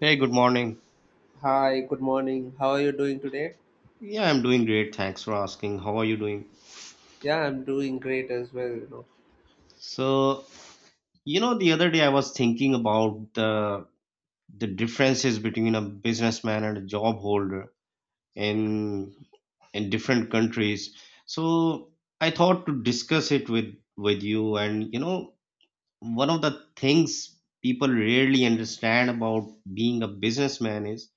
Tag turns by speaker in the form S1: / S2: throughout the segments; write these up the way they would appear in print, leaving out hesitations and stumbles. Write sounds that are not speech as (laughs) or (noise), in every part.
S1: Hey, good morning.
S2: Hi, good morning. How are you doing today?
S1: Yeah, I'm doing great. Thanks for asking. How are you doing?
S2: Yeah, I'm doing great as well.
S1: So, the other day I was thinking about the differences between a businessman and a job holder in in different countries. So, I thought to discuss it with you and one of the things people rarely understand about being a businessman is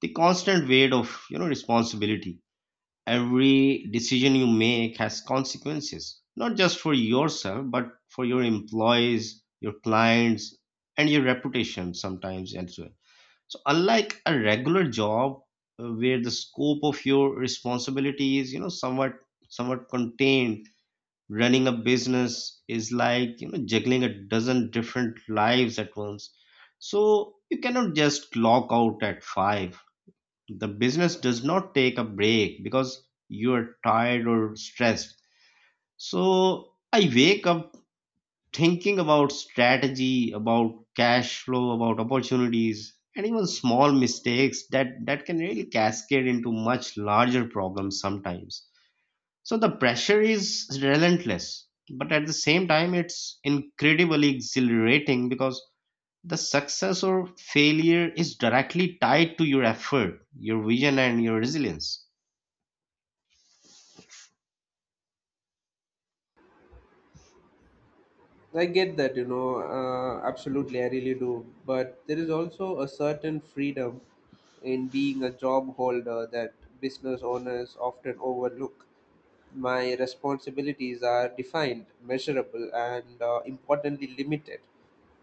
S1: the constant weight of, responsibility. Every decision you make has consequences, not just for yourself, but for your employees, your clients, and your reputation sometimes as well. So, unlike a regular job, where the scope of your responsibility is, somewhat contained, running a business is like, juggling a dozen different lives at once. So you cannot just clock out at five. The business does not take a break because you are tired or stressed. So I wake up thinking about strategy, about cash flow, about opportunities, and even small mistakes that can really cascade into much larger problems sometimes. So the pressure is relentless, but at the same time, it's incredibly exhilarating because the success or failure is directly tied to your effort, your vision, and your resilience.
S2: I get that, absolutely, I really do. But there is also a certain freedom in being a job holder that business owners often overlook. My responsibilities are defined, measurable, and importantly, limited.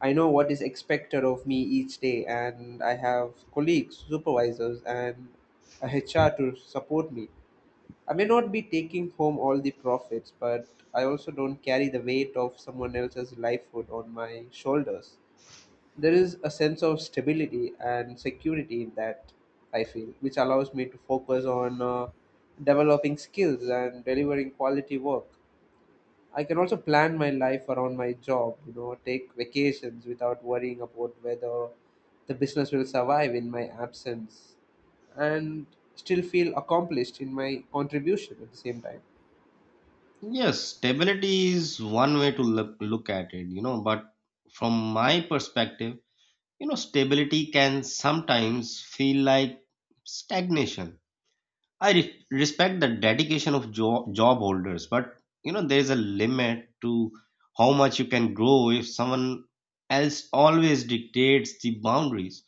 S2: I know what is expected of me each day, and I have colleagues, supervisors, and (laughs) a HR to support me. I may not be taking home all the profits, but I also don't carry the weight of someone else's livelihood on my shoulders. There is a sense of stability and security in that, I feel, which allows me to focus on developing skills and delivering quality work. I can also plan my life around my job, take vacations without worrying about whether the business will survive in my absence and still feel accomplished in my contribution at the same time.
S1: Yes, stability is one way to look at it, but from my perspective, stability can sometimes feel like stagnation. I respect the dedication of job holders, but, there's a limit to how much you can grow if someone else always dictates the boundaries.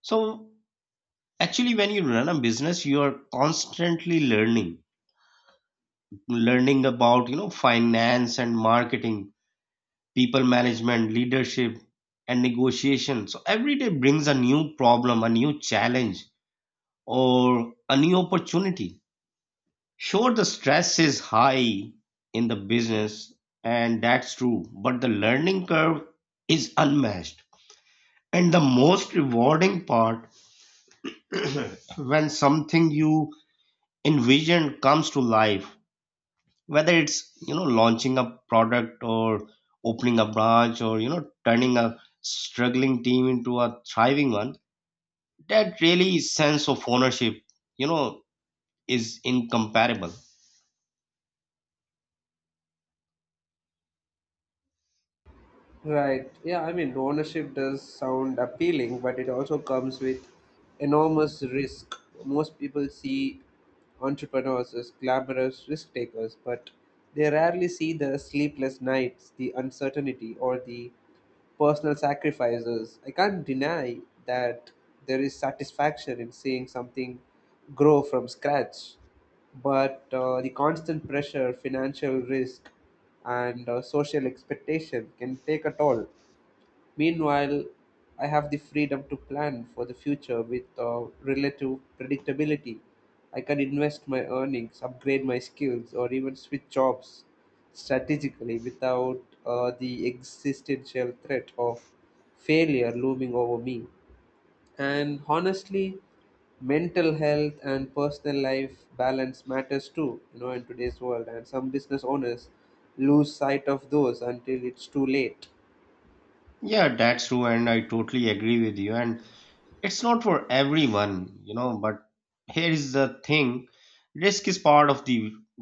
S1: So, actually, when you run a business, you are constantly learning about, finance and marketing, people management, leadership, and negotiation. So every day brings a new problem, a new challenge, or a new opportunity. Sure, the stress is high in the business, and that's true, but the learning curve is unmatched. And the most rewarding part, when something you envisioned comes to life, whether it's, launching a product, or opening a branch, or, turning a struggling team into a thriving one, that really sense of ownership you know is incomparable.
S2: Right. Yeah, I mean, ownership does sound appealing, but it also comes with enormous risk. Most people see entrepreneurs as glamorous risk takers, but they rarely see the sleepless nights, the uncertainty, or the personal sacrifices. I can't deny that there is satisfaction in seeing something grow from scratch, but the constant pressure, financial risk, and social expectation can take a toll. Meanwhile, I have the freedom to plan for the future with relative predictability. I can invest my earnings, upgrade my skills, or even switch jobs strategically without the existential threat of failure looming over me. And honestly, mental health and personal life balance matters too, in today's world. And some business owners lose sight of those until it's too late.
S1: Yeah, that's true, and I totally agree with you. And it's not for everyone, you know, but here is the thing: risk is part of the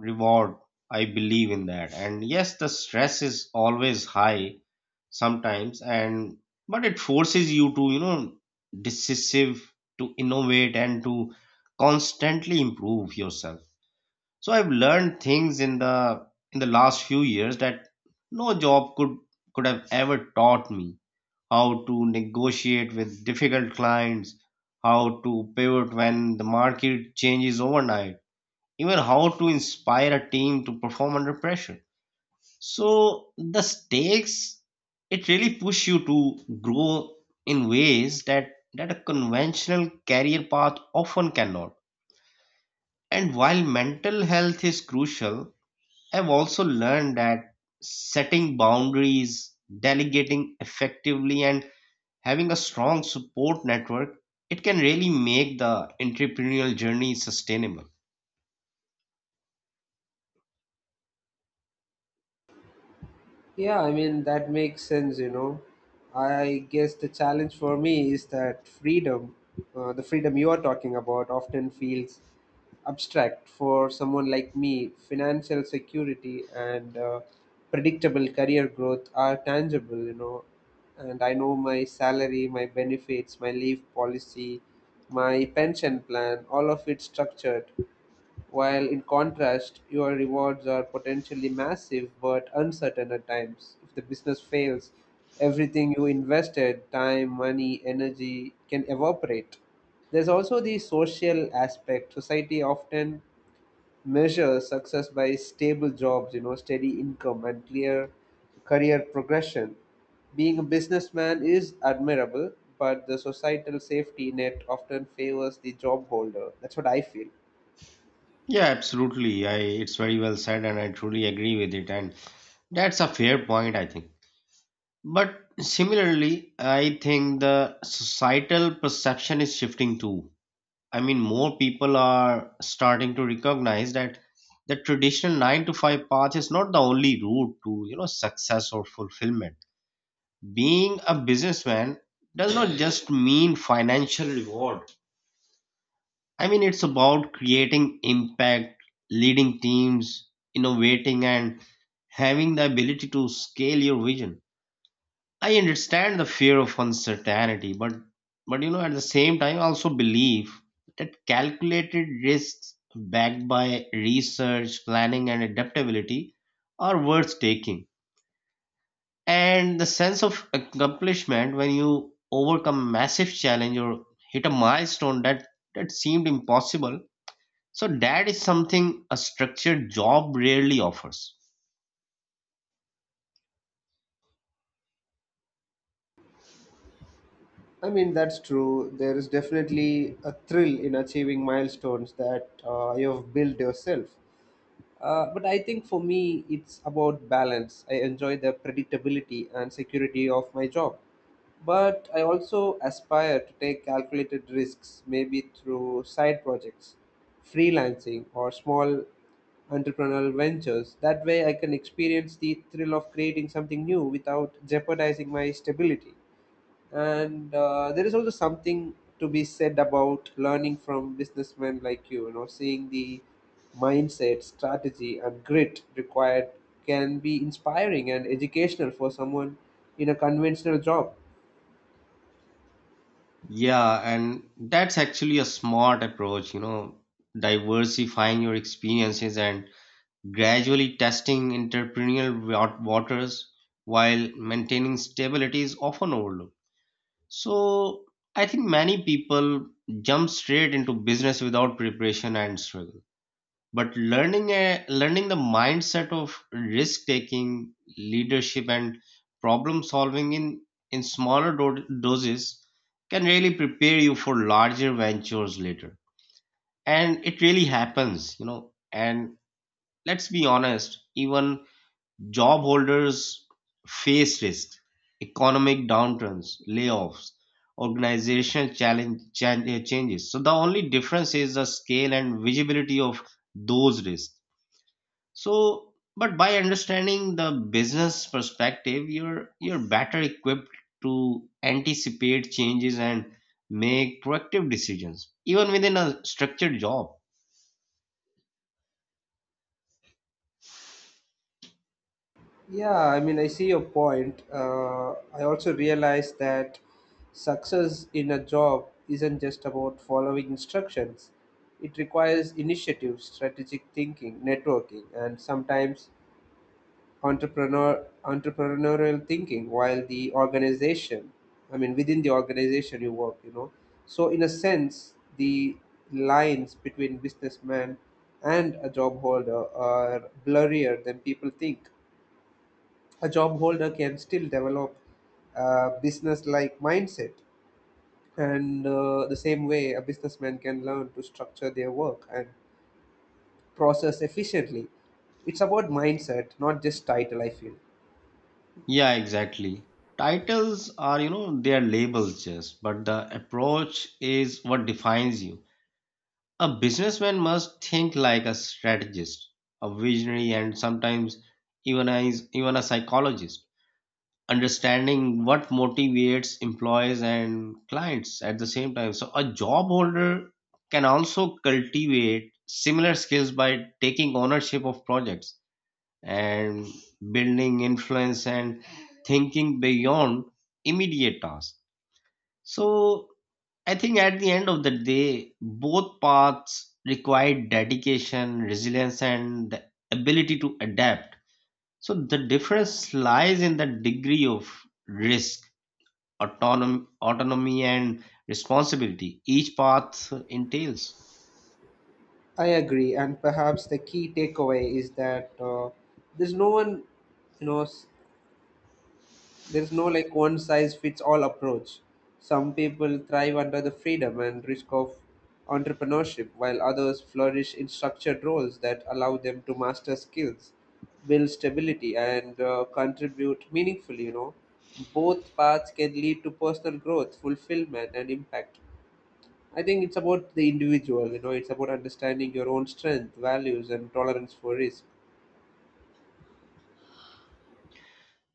S1: reward. I believe in that. And yes, the stress is always high sometimes, and but it forces you to, decisive, to innovate, and to constantly improve yourself. So I've learned things in the last few years that no job could have ever taught me: how to negotiate with difficult clients, how to pivot when the market changes overnight, even how to inspire a team to perform under pressure. So the stakes, it really push you to grow in ways that a conventional career path often cannot. And while mental health is crucial, I've also learned that setting boundaries, delegating effectively, and having a strong support network, it can really make the entrepreneurial journey sustainable.
S2: Yeah, I mean, that makes sense. I guess the challenge for me is that freedom, the freedom you are talking about, often feels abstract for someone like me. Financial security and predictable career growth are tangible. And I know my salary, my benefits, my leave policy, my pension plan, all of it structured, while in contrast, your rewards are potentially massive but uncertain at times. If the business fails, everything you invested, time, money, energy, can evaporate. There's also the social aspect. Society often measures success by stable jobs, steady income, and clear career progression. Being a businessman is admirable, but the societal safety net often favors the job holder. That's what I feel.
S1: Yeah, absolutely. I it's very well said, and I truly agree with it, and that's a fair point, I think. But similarly, I think the societal perception is shifting too. I mean, more people are starting to recognize that the traditional 9 to 5 path is not the only route to, success or fulfillment. Being a businessman does not just mean financial reward. I mean, it's about creating impact, leading teams, innovating, and having the ability to scale your vision. I understand the fear of uncertainty, but at the same time, I also believe that calculated risks backed by research, planning, and adaptability are worth taking. And the sense of accomplishment when you overcome massive challenge or hit a milestone that seemed impossible, so that is something a structured job rarely offers.
S2: I mean, that's true. There is definitely a thrill in achieving milestones that you have built yourself. But I think for me, it's about balance. I enjoy the predictability and security of my job. But I also aspire to take calculated risks, maybe through side projects, freelancing, or small entrepreneurial ventures. That way, I can experience the thrill of creating something new without jeopardizing my stability. And there is also something to be said about learning from businessmen like you know seeing the mindset, strategy, and grit required. Can be inspiring and educational for someone in a conventional job.
S1: Yeah, and that's actually a smart approach, diversifying your experiences and gradually testing entrepreneurial waters while maintaining stability is often overlooked. So I think many people jump straight into business without preparation and struggle. But learning the mindset of risk taking, leadership, and problem solving in smaller doses can really prepare you for larger ventures later. And it really happens. And let's be honest, even job holders face risks: economic downturns, layoffs, organizational challenge, changes. So the only difference is the scale and visibility of those risks. So, but by understanding the business perspective, you're better equipped to anticipate changes and make proactive decisions, even within a structured job.
S2: Yeah, I mean, I see your point. I also realize that success in a job isn't just about following instructions. It requires initiative, strategic thinking, networking, and sometimes entrepreneurial thinking while the organization. I mean, within the organization you work, you know. So in a sense, the lines between businessman and a job holder are blurrier than people think. A job holder can still develop a business like mindset, and the same way, a businessman can learn to structure their work and process efficiently. It's about mindset, not just title, I feel.
S1: Yeah, exactly. Titles are, they are labels just, but the approach is what defines you. A businessman must think like a strategist, a visionary, and sometimes even a psychologist, understanding what motivates employees and clients at the same time. So, a job holder can also cultivate similar skills by taking ownership of projects, and building influence, and thinking beyond immediate tasks. So I think at the end of the day, both paths require dedication, resilience, and the ability to adapt. So the difference lies in the degree of risk, autonomy, and responsibility each path entails.
S2: I agree, and perhaps the key takeaway is that there's no one, you know, s- there's no like one size fits all approach. Some people thrive under the freedom and risk of entrepreneurship, while others flourish in structured roles that allow them to master skills, build stability, and contribute meaningfully. You know, both paths can lead to personal growth, fulfillment, and impact. I think it's about the individual, it's about understanding your own strength, values, and tolerance for risk.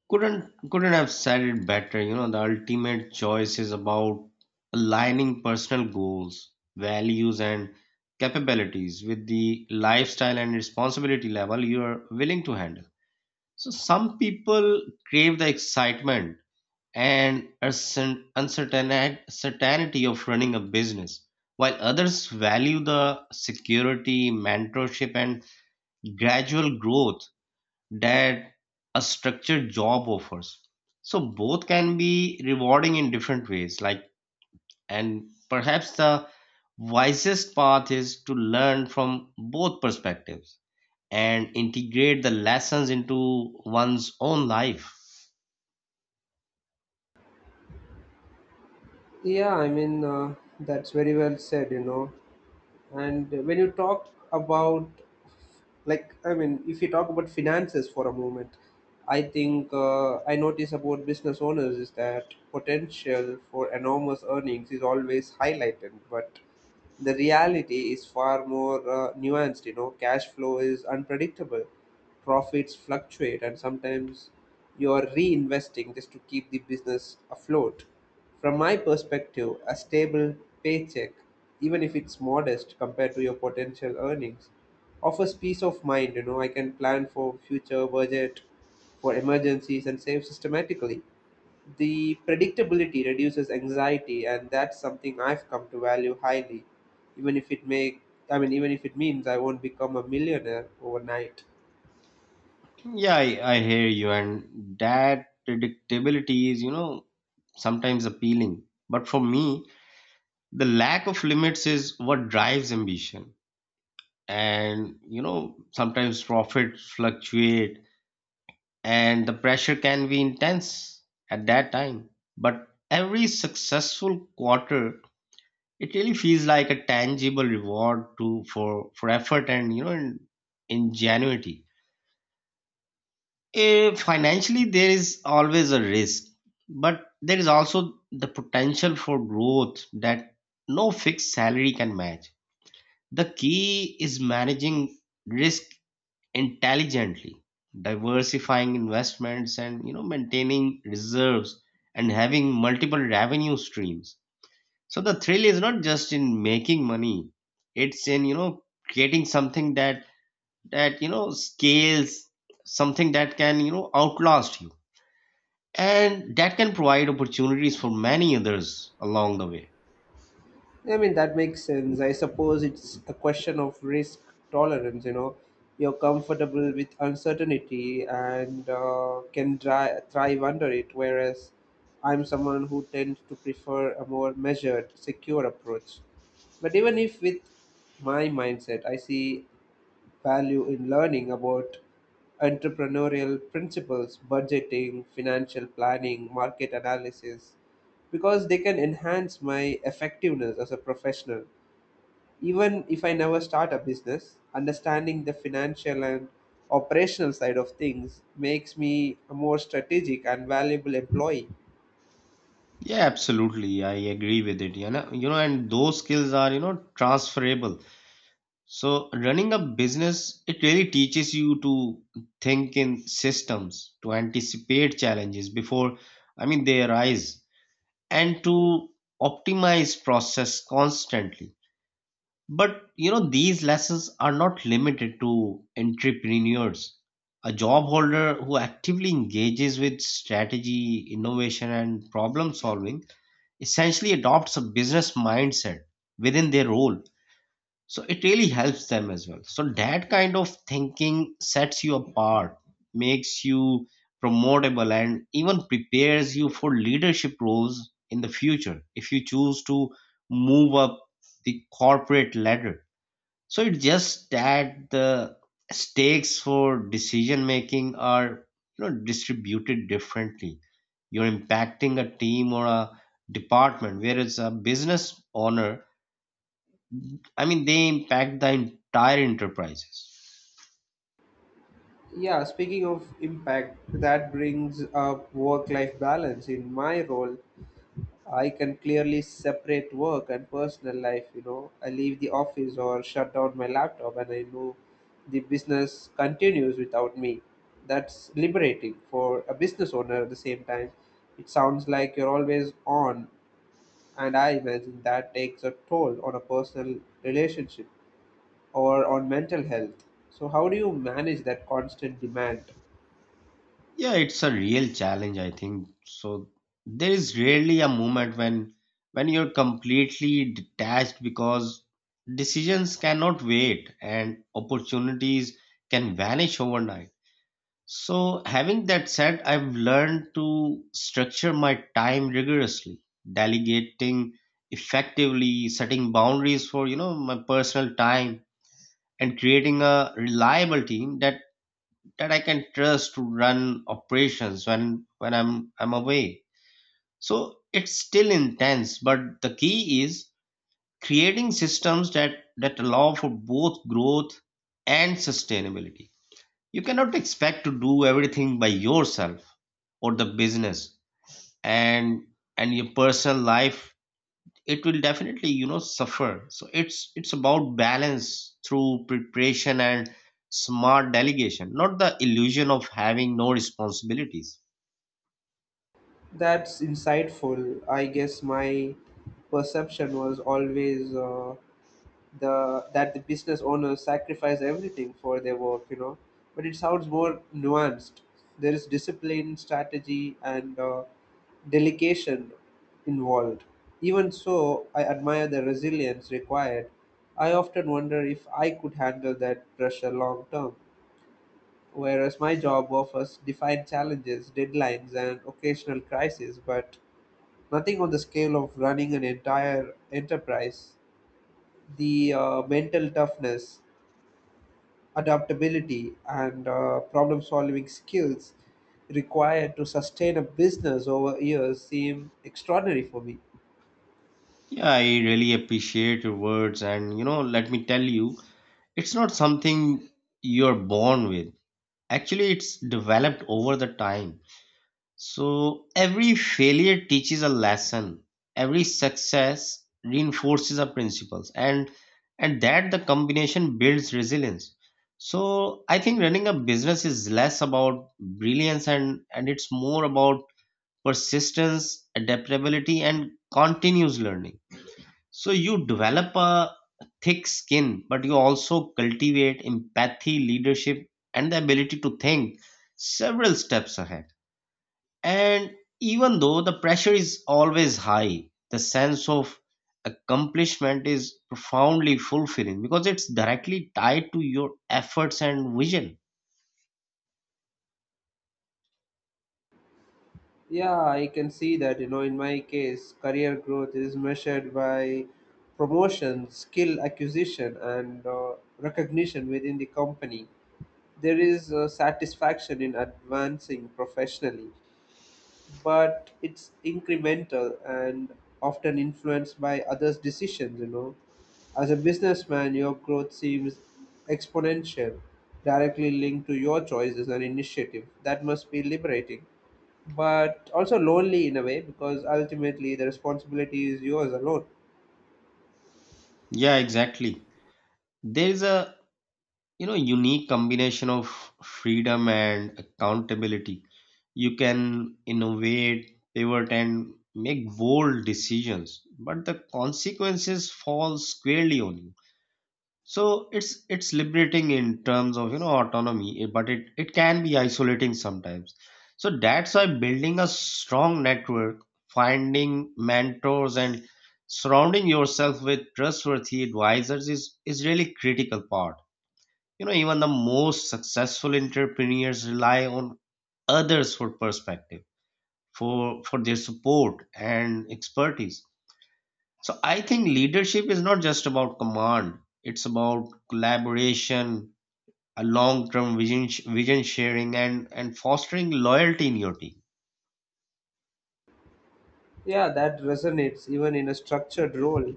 S1: Couldn't have said it better. The ultimate choice is about aligning personal goals, values, and capabilities with the lifestyle and responsibility level you are willing to handle. So some people crave the excitement and uncertainty of running a business, while others value the security, mentorship, and gradual growth that a structured job offers. So both can be rewarding in different ways. Like, and perhaps the wisest path is to learn from both perspectives and integrate the lessons into one's own life.
S2: Yeah, I mean, that's very well said. And when you talk about like I mean if you talk about finances for a moment, I think, I notice about business owners is that potential for enormous earnings is always highlighted. But the reality is far more nuanced. Cash flow is unpredictable, profits fluctuate, and sometimes you're reinvesting just to keep the business afloat. From my perspective, a stable paycheck, even if it's modest compared to your potential earnings, offers peace of mind. You know, I can plan for future budget, for emergencies, and save systematically. The predictability reduces anxiety, and that's something I've come to value highly. Even if it may, even if it means I won't become a millionaire overnight.
S1: Yeah, I hear you, and that predictability is, sometimes appealing. But for me, the lack of limits is what drives ambition. And, sometimes profits fluctuate and the pressure can be intense at that time, but every successful quarter, it really feels like a tangible reward to for effort and, ingenuity. Financially, there is always a risk, but there is also the potential for growth that no fixed salary can match. The key is managing risk intelligently, diversifying investments, and, maintaining reserves and having multiple revenue streams. So the thrill is not just in making money; it's in, creating something that, scales, something that can, outlast you, and that can provide opportunities for many others along the way.
S2: I mean, that makes sense. I suppose it's a question of risk tolerance, you know. You're comfortable with uncertainty and can thrive under it, whereas I'm someone who tends to prefer a more measured, secure approach. But even if with my mindset, I see value in learning about entrepreneurial principles, budgeting, financial planning, market analysis, because they can enhance my effectiveness as a professional. Even if I never start a business, understanding the financial and operational side of things makes me a more strategic and valuable employee.
S1: Yeah, absolutely. I agree with it. And those skills are, transferable. So running a business, it really teaches you to think in systems, to anticipate challenges before, I mean, they arise, and to optimize process constantly. But, these lessons are not limited to entrepreneurs. A job holder who actively engages with strategy, innovation, and problem solving essentially adopts a business mindset within their role, so it really helps them as well. So that kind of thinking sets you apart, makes you promotable, and even prepares you for leadership roles in the future if you choose to move up the corporate ladder. So it's just that the stakes for decision making are, distributed differently. You're impacting a team or a department, whereas a business owner, I mean, they impact the entire enterprises.
S2: Yeah, speaking of impact, that brings up work life balance. In my role, I can clearly separate work and personal life. You know, I leave the office or shut down my laptop, and I know the business continues without me. That's liberating for a business owner at the same time. It sounds like you're always on, and I imagine that takes a toll on a personal relationship or on mental health. So, how do you manage that constant demand?
S1: Yeah, it's a real challenge, I think. So there is rarely a moment when you're completely detached, because decisions cannot wait and opportunities can vanish overnight. So having that said, I've learned to structure my time rigorously, delegating effectively, setting boundaries for, my personal time, and creating a reliable team that I can trust to run operations when I'm away. So it's still intense, but the key is creating systems that allow for both growth and sustainability. You cannot expect to do everything by yourself, or the business and and your personal life, it will definitely, suffer. So it's about balance through preparation and smart delegation, not the illusion of having no responsibilities.
S2: That's insightful. I guess my perception was always the that the business owners sacrifice everything for their work. But it sounds more nuanced. There is discipline, strategy, and delegation involved. Even so, I admire the resilience required. I often wonder if I could handle that pressure long term, whereas my job offers defined challenges, deadlines, and occasional crises, but nothing on the scale of running an entire enterprise. The mental toughness, adaptability, and problem solving skills required to sustain a business over years seem extraordinary for me.
S1: Yeah, I really appreciate your words, and, let me tell you, it's not something you're born with. Actually, it's developed over the time. So every failure teaches a lesson. Every success reinforces our principles, and that the combination builds resilience. So I think running a business is less about brilliance, and it's more about persistence, adaptability, and continuous learning. So you develop a thick skin, but you also cultivate empathy, leadership, and the ability to think several steps ahead. And even though the pressure is always high, the sense of accomplishment is profoundly fulfilling because it's directly tied to your efforts and vision.
S2: Yeah, I can see that. You know, in my case, career growth is measured by promotion, skill acquisition, and recognition within the company. There is satisfaction in advancing professionally, but it's incremental and often influenced by others' decisions. As a businessman, your growth seems exponential, directly linked to your choices and initiative. That must be liberating, but also lonely in a way because ultimately the responsibility is yours alone.
S1: Yeah, exactly. There is a, unique combination of freedom and accountability. You can innovate, pivot, and make bold decisions, but the consequences fall squarely on you. So it's liberating in terms of, autonomy, but it can be isolating sometimes. So that's why building a strong network, finding mentors, and surrounding yourself with trustworthy advisors is really critical part. You know, even the most successful entrepreneurs rely on others for perspective, for their support and expertise. So I think leadership is not just about command, it's about collaboration, a long-term vision sharing and fostering loyalty in your team.
S2: Yeah, that resonates even in a structured role.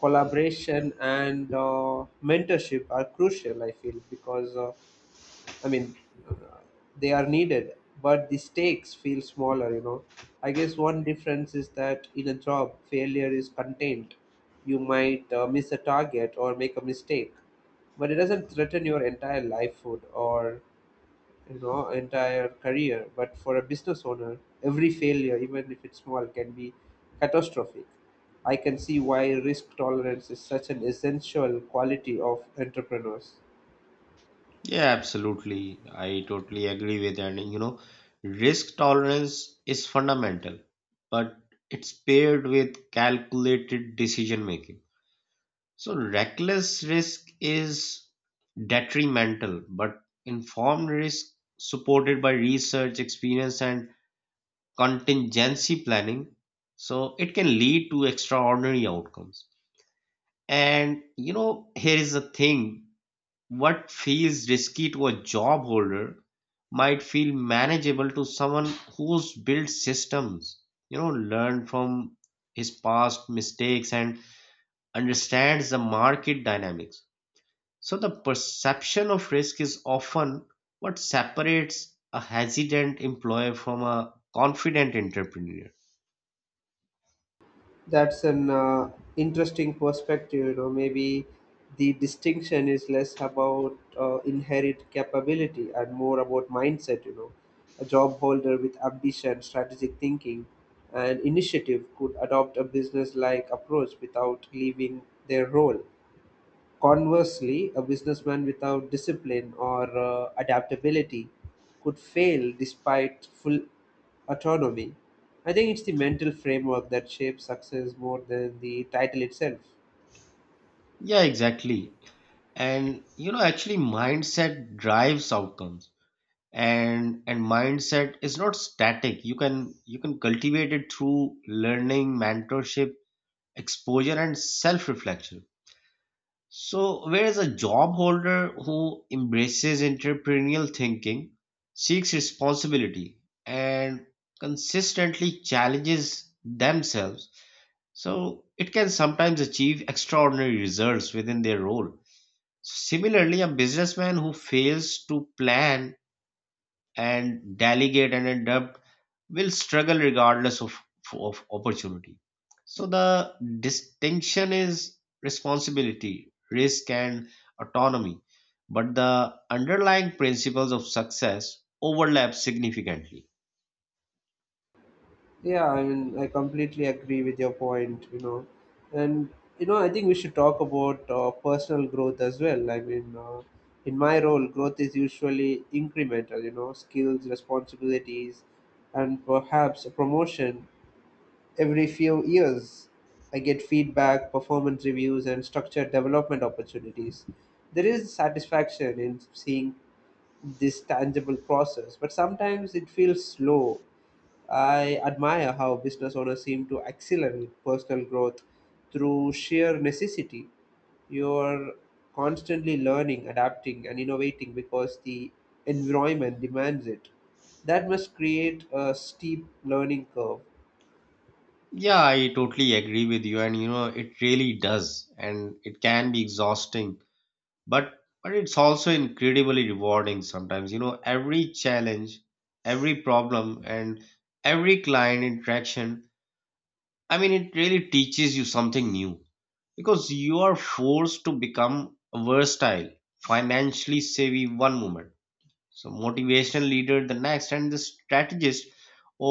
S2: Collaboration and mentorship are crucial, I feel, because I mean, they are needed, but the stakes feel smaller. I guess one difference is that in a job, failure is contained. You might miss a target or make a mistake, but it doesn't threaten your entire livelihood or entire career. But for a business owner, every failure, even if it's small, can be catastrophic. I can see why risk tolerance is such an essential quality of entrepreneurs.
S1: Yeah, absolutely. I totally agree with that. And, you know, risk tolerance is fundamental, but it's paired with calculated decision making. So reckless risk is detrimental, but informed risk supported by research, experience, and contingency planning, so it can lead to extraordinary outcomes. And you know, here is the thing: what feels risky to a job holder might feel manageable to someone who's built systems, you know, learned from his past mistakes and understands the market dynamics. So the perception of risk is often what separates a hesitant employer from a confident entrepreneur.
S2: That's an interesting perspective. You know, maybe the distinction is less about inherent capability and more about mindset. You know, a job holder with ambition, strategic thinking, and initiative could adopt a business-like approach without leaving their role. Conversely, a businessman without discipline or adaptability could fail despite full autonomy. I think it's the mental framework that shapes success more than the title itself.
S1: Yeah, exactly. And you know, actually, mindset drives outcomes, and mindset is not static. You can cultivate it through learning, mentorship, exposure, and self-reflection. So, whereas a job holder who embraces entrepreneurial thinking, seeks responsibility, and consistently challenges themselves, so it can sometimes achieve extraordinary results within their role. Similarly, a businessman who fails to plan and delegate and adapt will struggle regardless of opportunity. So the distinction is responsibility, risk, and autonomy, but the underlying principles of success overlap significantly.
S2: Yeah, I mean, I completely agree with your point. And I think we should talk about personal growth as well. I mean, in my role, growth is usually incremental, skills, responsibilities, and perhaps a promotion. Every few years, I get feedback, performance reviews, and structured development opportunities. There is satisfaction in seeing this tangible process, but sometimes it feels slow. I admire how business owners seem to accelerate personal growth through sheer necessity. You're constantly learning, adapting, and innovating because the environment demands it. That must create a steep learning curve.
S1: Yeah, I totally agree with you, and you know, it really does, and it can be exhausting, but it's also incredibly rewarding. Sometimes, you know, every challenge, every problem, and every client interaction, I mean, it really teaches you something new, because you are forced to become a versatile, financially savvy one moment, so motivational leader the next, and the strategist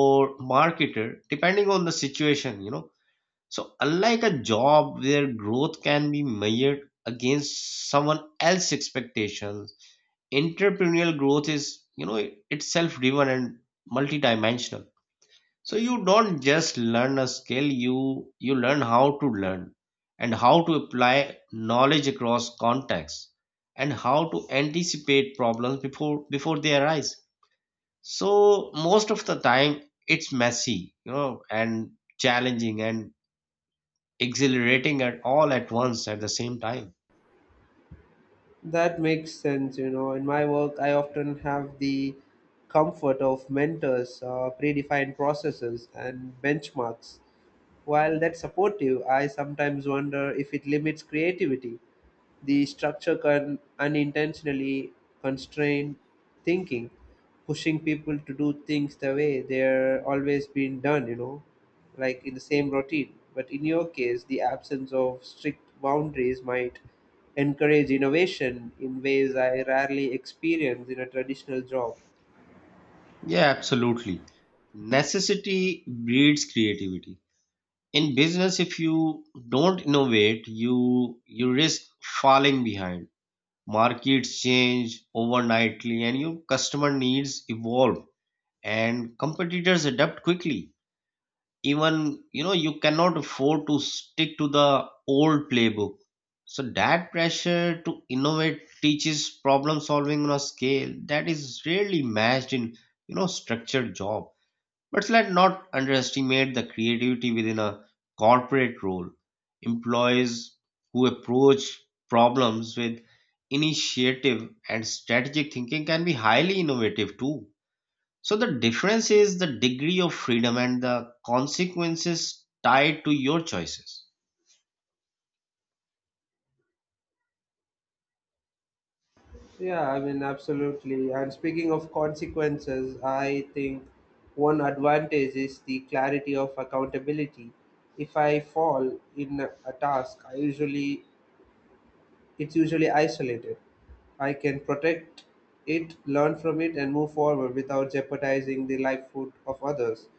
S1: or marketer depending on the situation. You know so unlike a job where growth can be measured against someone else's expectations, entrepreneurial growth is, you know, it's self-driven and multidimensional. So you don't just learn a skill, you learn how to learn, and how to apply knowledge across contexts, and how to anticipate problems before they arise. So most of the time it's messy, you know, and challenging and exhilarating at all at once, at the same time.
S2: That makes sense. In my work, I often have the comfort of mentors, predefined processes, and benchmarks. While that's supportive, I sometimes wonder if it limits creativity. The structure can unintentionally constrain thinking, pushing people to do things the way they're always been done, like in the same routine. But in your case, the absence of strict boundaries might encourage innovation in ways I rarely experience in a traditional job.
S1: Yeah, absolutely. Necessity breeds creativity. In business, if you don't innovate, you risk falling behind. Markets change overnightly, and your customer needs evolve, and competitors adapt quickly. Even, you know, you cannot afford to stick to the old playbook. So that pressure to innovate teaches problem solving on a scale that is rarely matched in, you know, structured job. But let's not underestimate the creativity within a corporate role. Employees who approach problems with initiative and strategic thinking can be highly innovative too. So the difference is the degree of freedom and the consequences tied to your choices.
S2: Yeah, I mean, absolutely. And speaking of consequences, I think one advantage is the clarity of accountability. If I fall in a task, I usually It's usually isolated. I can protect it, learn from it, and move forward without jeopardizing the livelihood of others.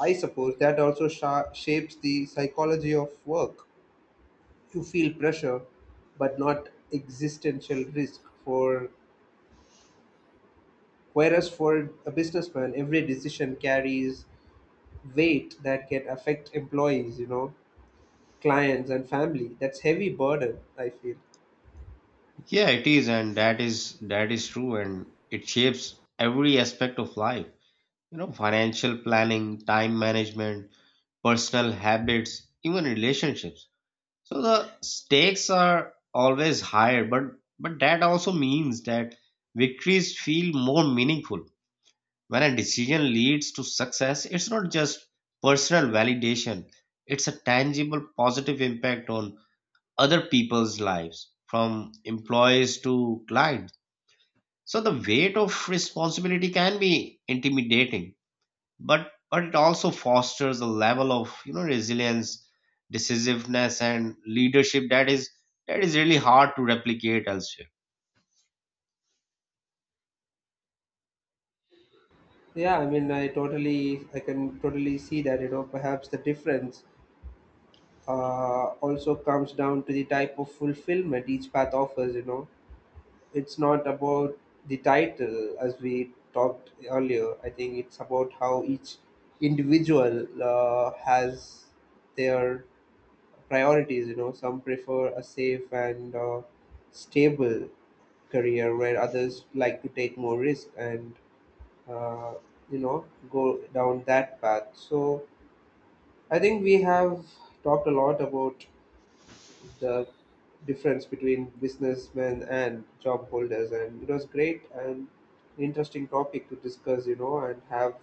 S2: I suppose that also shapes the psychology of work. You feel pressure, but not existential risk. For whereas for a businessman, every decision carries weight that can affect employees, clients, and family. That's heavy burden, I feel.
S1: Yeah, it is, and that is true, and it shapes every aspect of life. You know, financial planning, time management, personal habits, even relationships. So the stakes are always higher, but that also means that victories feel more meaningful. When a decision leads to success, it's not just personal validation. It's a tangible positive impact on other people's lives, from employees to clients. So the weight of responsibility can be intimidating, but it also fosters a level of, you know, resilience, decisiveness, and leadership that is, really hard to replicate elsewhere.
S2: Yeah, I mean, I can totally see that. You know, perhaps the difference also comes down to the type of fulfillment each path offers. You know, it's not about the title as we talked earlier. I think it's about how each individual has their priorities. You know, some prefer a safe and stable career, where others like to take more risk and uh, you know go down that path. So I think we have talked a lot about the difference between businessmen and job holders, and it was great and interesting topic to discuss, and have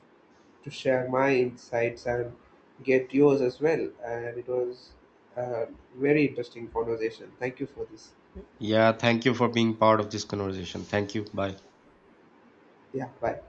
S2: to share my insights and get yours as well. And it was a very interesting conversation. Thank you for this.
S1: Yeah, thank you for being part of this conversation. Thank you. Bye.
S2: Yeah, bye.